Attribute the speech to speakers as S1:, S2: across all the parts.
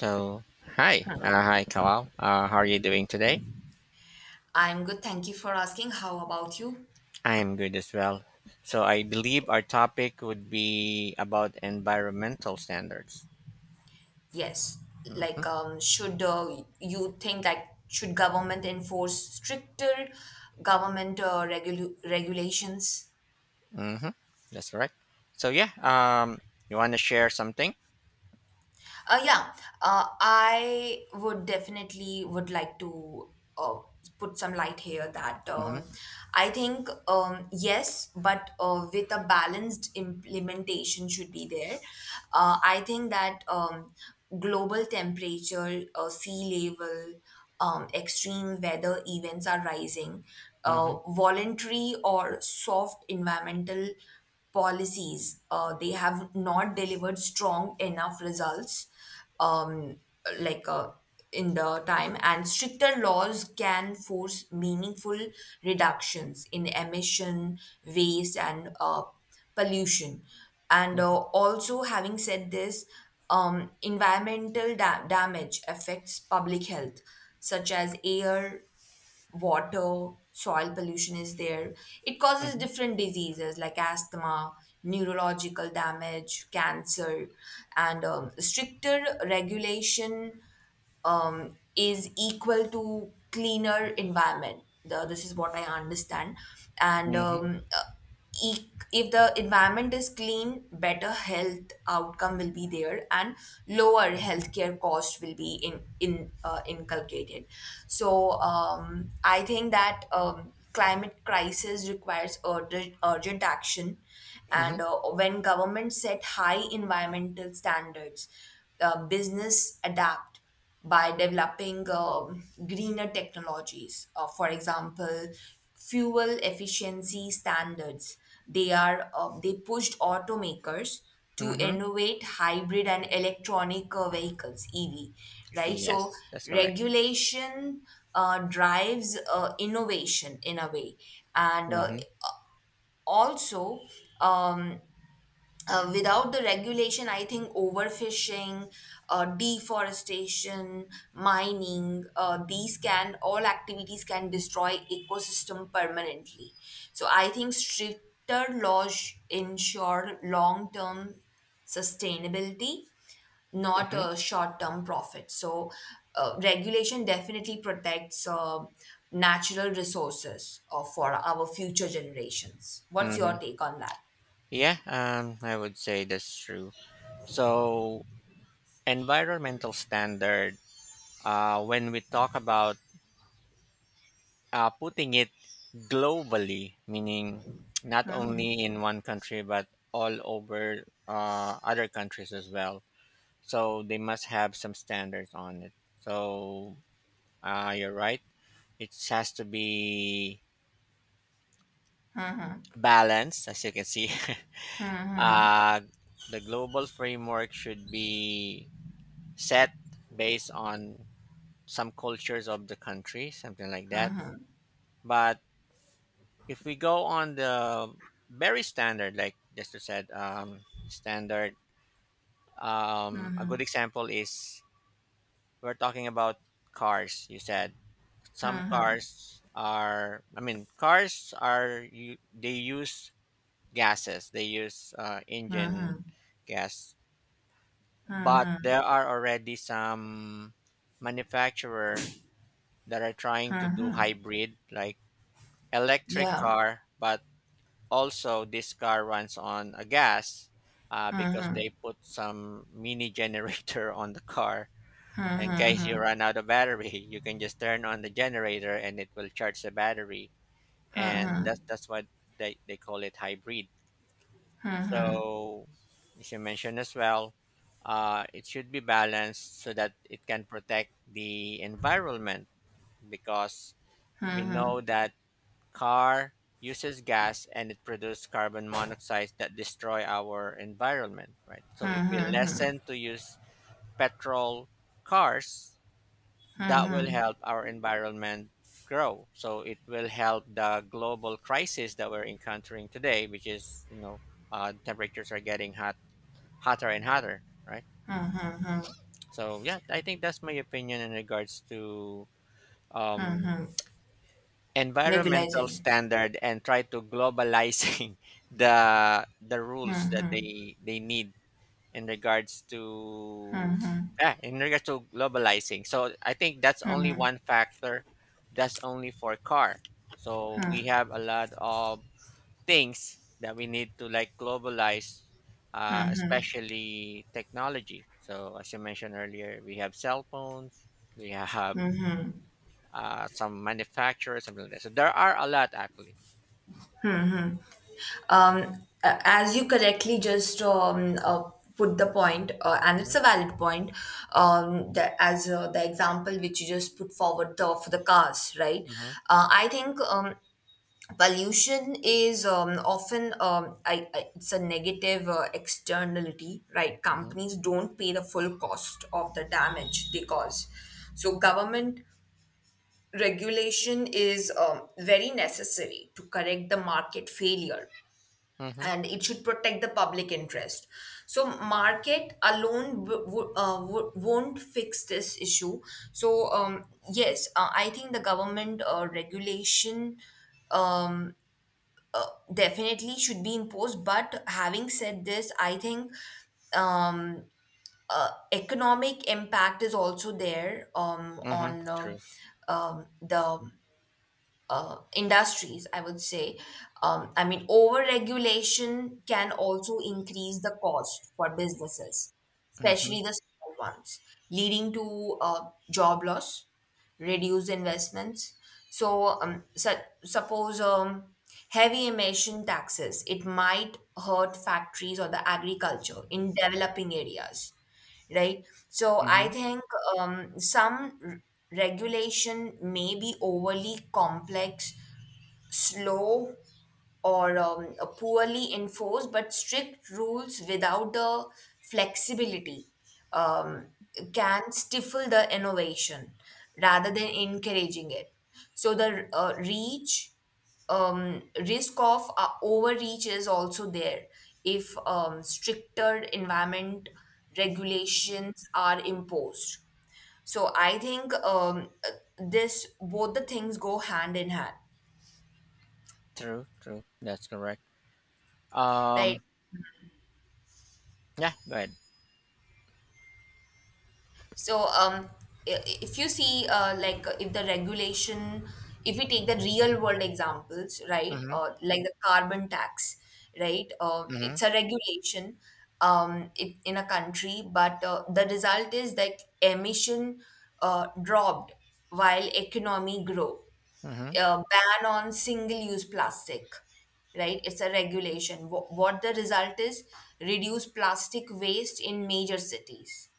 S1: So, hi,
S2: Hmm.
S1: hi, Kalal. How are you doing today?
S2: I'm good. Thank you for asking. How about you?
S1: I am good as well. So, I believe our topic would be about environmental standards.
S2: Yes.
S1: Mm-hmm.
S2: Should you think that should government enforce stricter government regulations?
S1: Mm-hmm. That's right. So, you want to share something?
S2: Yeah, I would definitely would like to uh, put some light here that
S1: Mm-hmm.
S2: I think yes, but with a balanced implementation should be there. I think that global temperature, sea level, extreme weather events are rising.
S1: Mm-hmm.
S2: Voluntary or soft environmental policies they have not delivered strong enough results um, like uh, in the time, and stricter laws can force meaningful reductions in emission, waste, and pollution, and also, having said this, environmental damage affects public health, such as air, water, soil pollution is there. It causes
S1: Mm-hmm.
S2: different diseases like asthma, neurological damage, cancer, and stricter regulation is equal to cleaner environment. This is what I understand, and
S1: Mm-hmm.
S2: if the environment is clean, better health outcome will be there, and lower healthcare cost will be in inculcated. So I think that climate crisis requires urgent action,
S1: Mm-hmm.
S2: and when governments set high environmental standards, business adapt by developing greener technologies. For example, fuel efficiency standards. They pushed automakers to
S1: Mm-hmm.
S2: innovate hybrid and electronic vehicles (EV). Right, so
S1: Yes, that's correct.
S2: regulation drives innovation in a way, and
S1: Mm-hmm.
S2: also. Um, without the regulation, I think overfishing, deforestation, mining, these can all activities can destroy ecosystem permanently. So I think stricter laws ensure long term sustainability, not
S1: Mm-hmm.
S2: a short term profit. So regulation definitely protects natural resources for our future generations. What's
S1: Mm-hmm.
S2: your take on that?
S1: Yeah, I would say that's true. So, environmental standard, when we talk about putting it globally, meaning not only in one country but all over other countries as well. So they must have some standards on it. So you're right. It has to be balanced, as you can see. uh, the global framework should be set based on some cultures of the country, something like that. But if we go on the very standard, like Jester said, standard, a good example is we're talking about cars. You said some cars are, I mean, cars are, you, they use gases, they use engine gas, but there are already some manufacturer that are trying to do hybrid, like electric
S2: Yeah.
S1: car, but also, this car runs on a gas because they put some mini generator on the car. In case you run out of battery, you can just turn on the generator and it will charge the battery. And that's why they call it hybrid. So, as you mentioned as well, it should be balanced so that it can protect the environment because we know that car uses gas and it produces carbon monoxide that destroy our environment, right? So if we lessen to use petrol cars, that will help our environment grow. So it will help the global crisis that we're encountering today, which is, temperatures are getting hot, hotter and hotter, right? So yeah, I think that's my opinion in regards to um, environmental
S2: Regularization.
S1: standard and try to globalizing the rules that they need in regards to yeah, in regards to globalizing. So I think that's only one factor. That's only for car. So we have a lot of things that we need to like globalize, especially technology. So as you mentioned earlier, we have cell phones, we have some manufacturers, something like that. So there are a lot actually.
S2: As you correctly just put the point, and it's
S1: Mhm,
S2: a valid point, that as the example which you just put forward for the cars, right?
S1: mhm,
S2: I think pollution is often it's a negative externality, right?
S1: mhm,
S2: Companies don't pay the full cost of the damage they cause. So government regulation is very necessary to correct the market failure,
S1: mhm,
S2: and it should protect the public interest. So market alone won't fix this issue. So yes, I think the government regulation um, definitely should be imposed. But having said this, I think um, economic impact is also there
S1: mhm.
S2: on
S1: True.
S2: the industries, I would say. I mean, over-regulation can also increase the cost for businesses,
S1: Mhm,
S2: especially the small ones, leading to job loss, reduced investments. So, suppose heavy emission taxes, it might hurt factories or the agriculture in developing areas, right? So I
S1: mhm.
S2: think um, some r- regulation may be overly complex, slow, or a poorly enforced, but strict rules without the flexibility um, can stifle the innovation rather than encouraging it. So the reach risk of overreach is also there if stricter environment regulations are imposed. So I think this, both the things go hand in hand,
S1: True. True. That's correct. Um.
S2: right?
S1: Yeah. Go ahead.
S2: So, if you see, if the regulation, if we take the real world examples, right,
S1: Mhm,
S2: like the carbon tax, right,
S1: mhm,
S2: it's a regulation it, in a country, but the result is that emission dropped while economy grow.
S1: mhm,
S2: Ban on single-use plastic, right? It's a regulation. What the result is, reduce plastic waste in major cities,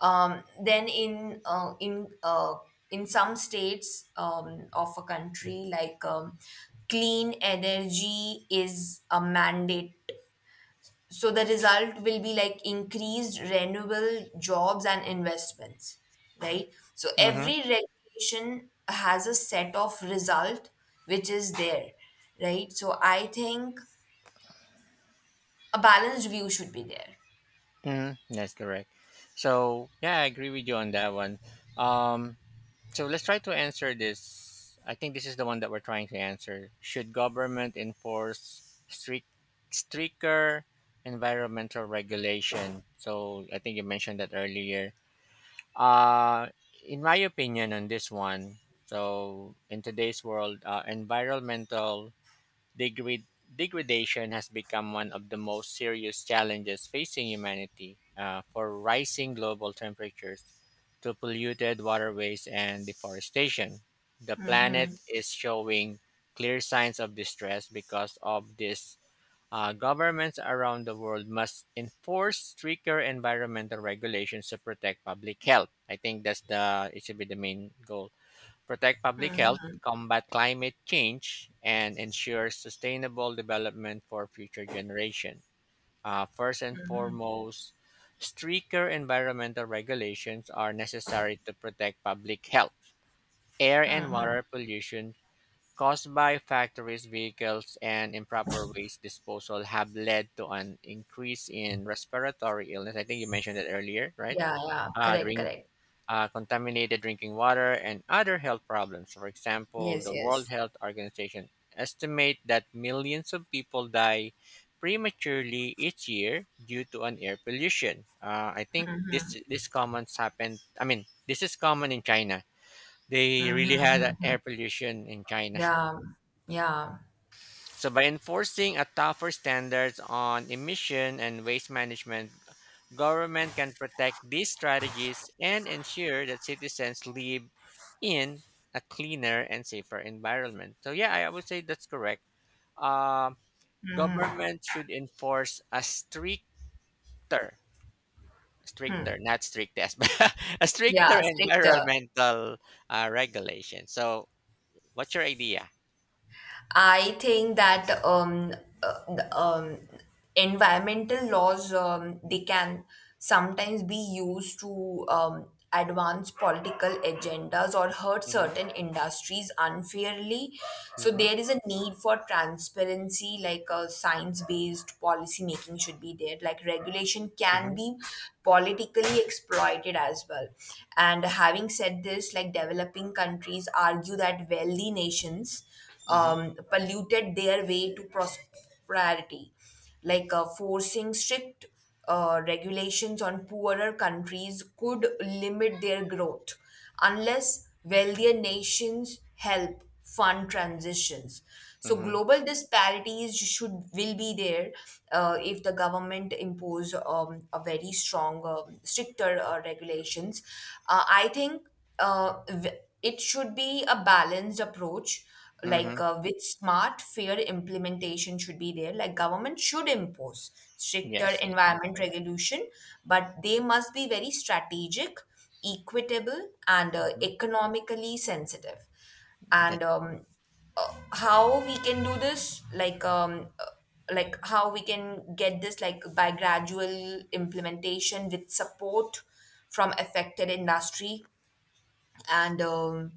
S2: then in some states of a country, clean energy is a mandate. So the result will be like increased renewable jobs and investments, right? So
S1: mhm,
S2: every regulation has a set of result which is there, right? So I think a balanced view should be there.
S1: mhm. That's correct. So yeah, I agree with you on that one. Um. So let's try to answer this. I think this is the one that we're trying to answer. Should government enforce stricter environmental regulation? So I think you mentioned that earlier. Uh, in my opinion, on this one, so in today's world, environmental Degrad- degradation has become one of the most serious challenges facing humanity, for rising global temperatures to polluted waterways and deforestation. The planet is showing clear signs of distress because of this. Governments around the world must enforce stricter environmental regulations to protect public health. I think that's the it should be the main goal protect public health, combat climate change, and ensure sustainable development for future generations. First and foremost, stricter environmental regulations are necessary to protect public health. Air and water pollution caused by factories, vehicles, and improper waste disposal have led to an increase in respiratory illness. I think you mentioned that earlier, right?
S2: Yeah, yeah, correct,
S1: During
S2: correct.
S1: contaminated drinking water, and other health problems. For example,
S2: Yes,
S1: the World
S2: yes.
S1: Health Organization estimate that millions of people die prematurely each year due to an air pollution. I think this comments happened. I mean, this is common in China. They really had a air pollution in China.
S2: Yeah, yeah.
S1: So by enforcing a tougher standards on emission and waste management, government can protect these strategies and ensure that citizens live in a cleaner and safer environment. So yeah, I would say that's correct. Um, Government should enforce a stricter, not strictest, but a stricter
S2: Yeah, stricter.
S1: environmental regulation. So what's your idea?
S2: I think that uh, the, um, environmental laws
S1: Mm-hmm,
S2: they can sometimes be used to advance political agendas or hurt
S1: mm-hmm,
S2: certain industries unfairly. So
S1: mm-hmm,
S2: there is a need for transparency, like a science-based policy making should be there. Like regulation can
S1: mm-hmm,
S2: be politically exploited as well. And having said this, like developing countries argue that wealthy nations
S1: mm-hmm,
S2: polluted their way to prosperity, like forcing strict regulations on poorer countries could limit their growth unless wealthier nations help fund transitions. So
S1: mm-hmm.
S2: global disparities should will be there if the government impose a very strong, stricter regulations. I think uh, v- it should be a balanced approach,
S1: Mm-hmm.
S2: like with smart fair implementation should be there. Like government should impose stricter
S1: Yes, it-
S2: environment
S1: Correct.
S2: regulation, but they must be very strategic, equitable, and
S1: Mm-hmm.
S2: economically sensitive,
S1: That,
S2: and how we can do this, like how we can get this, like by gradual implementation with support from affected industry, and um,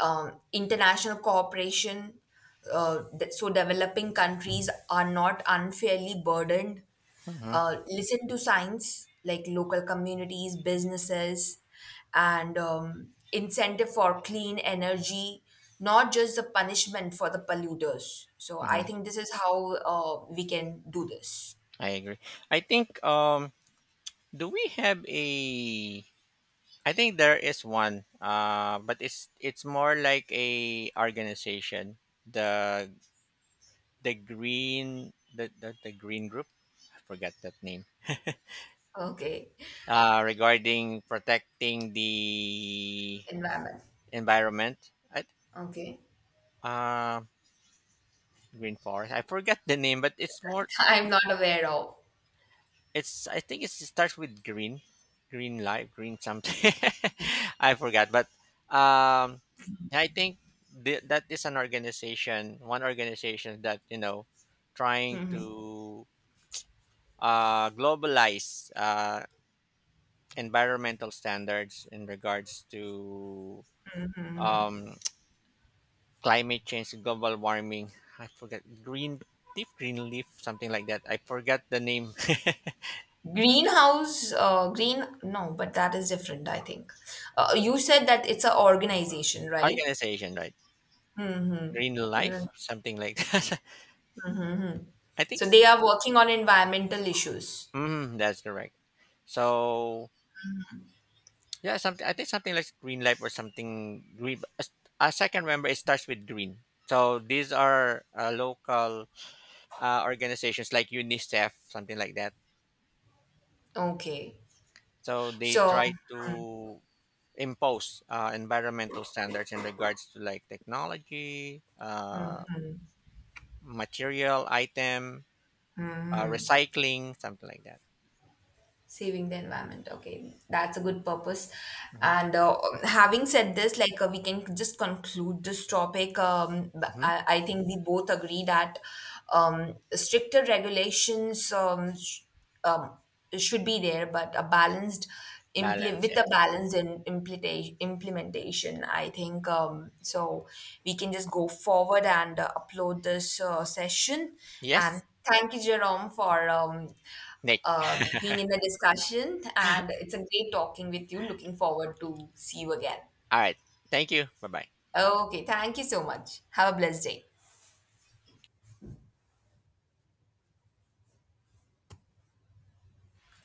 S2: um, international cooperation. So developing countries are not unfairly burdened.
S1: mm-hmm,
S2: Listen to science, like local communities, businesses, and incentive for clean energy, not just the punishment for the polluters. So I
S1: hmm.
S2: think this is how we can do this.
S1: I agree. I think Do we have a I think there is one, but it's more like a organization. The the green group. I forgot that name.
S2: Okay,
S1: Regarding protecting the
S2: environment.
S1: environment. I,
S2: Okay,
S1: uh, green forest. I forgot the name, but it's more
S2: I'm not aware of.
S1: it's I think it's, it starts with green, green light, green something. I forgot, but um, I think that is an organization, one organization that you know, trying to globalize environmental standards in regards to um, climate change, global warming. I forget green leaf, something like that. I forgot the name
S2: Greenhouse, no, but that is different, I think. You said that it's an organization, right?
S1: organization, right? Green Life,
S2: Mm.
S1: something like that. I think
S2: So
S1: s-
S2: they are working on environmental issues.
S1: mm, that's correct. So yeah, something I think something like green life or something green. As I can remember, it starts with green. So these are local organizations like UNICEF, something like that.
S2: Okay.
S1: So they
S2: So
S1: try to impose environmental standards in regards to like technology, material, item, recycling, something like that.
S2: saving the environment, okay, that's a good purpose.
S1: Hmm.
S2: And having said this, like we can just conclude this topic, um, b-
S1: Hmm.
S2: I, I think we both agree that stricter regulations um, should be there, but a balanced
S1: Balance,
S2: with a
S1: yes.
S2: balanced implementation, I think. So we can just go forward and upload this session. And
S1: Yes,
S2: thank you, Jerome, for
S1: Nick.
S2: being in the discussion, and it's a great talking with you. Looking forward to see you again.
S1: All right. Thank you. Bye bye.
S2: Okay, thank you so much. Have a blessed day.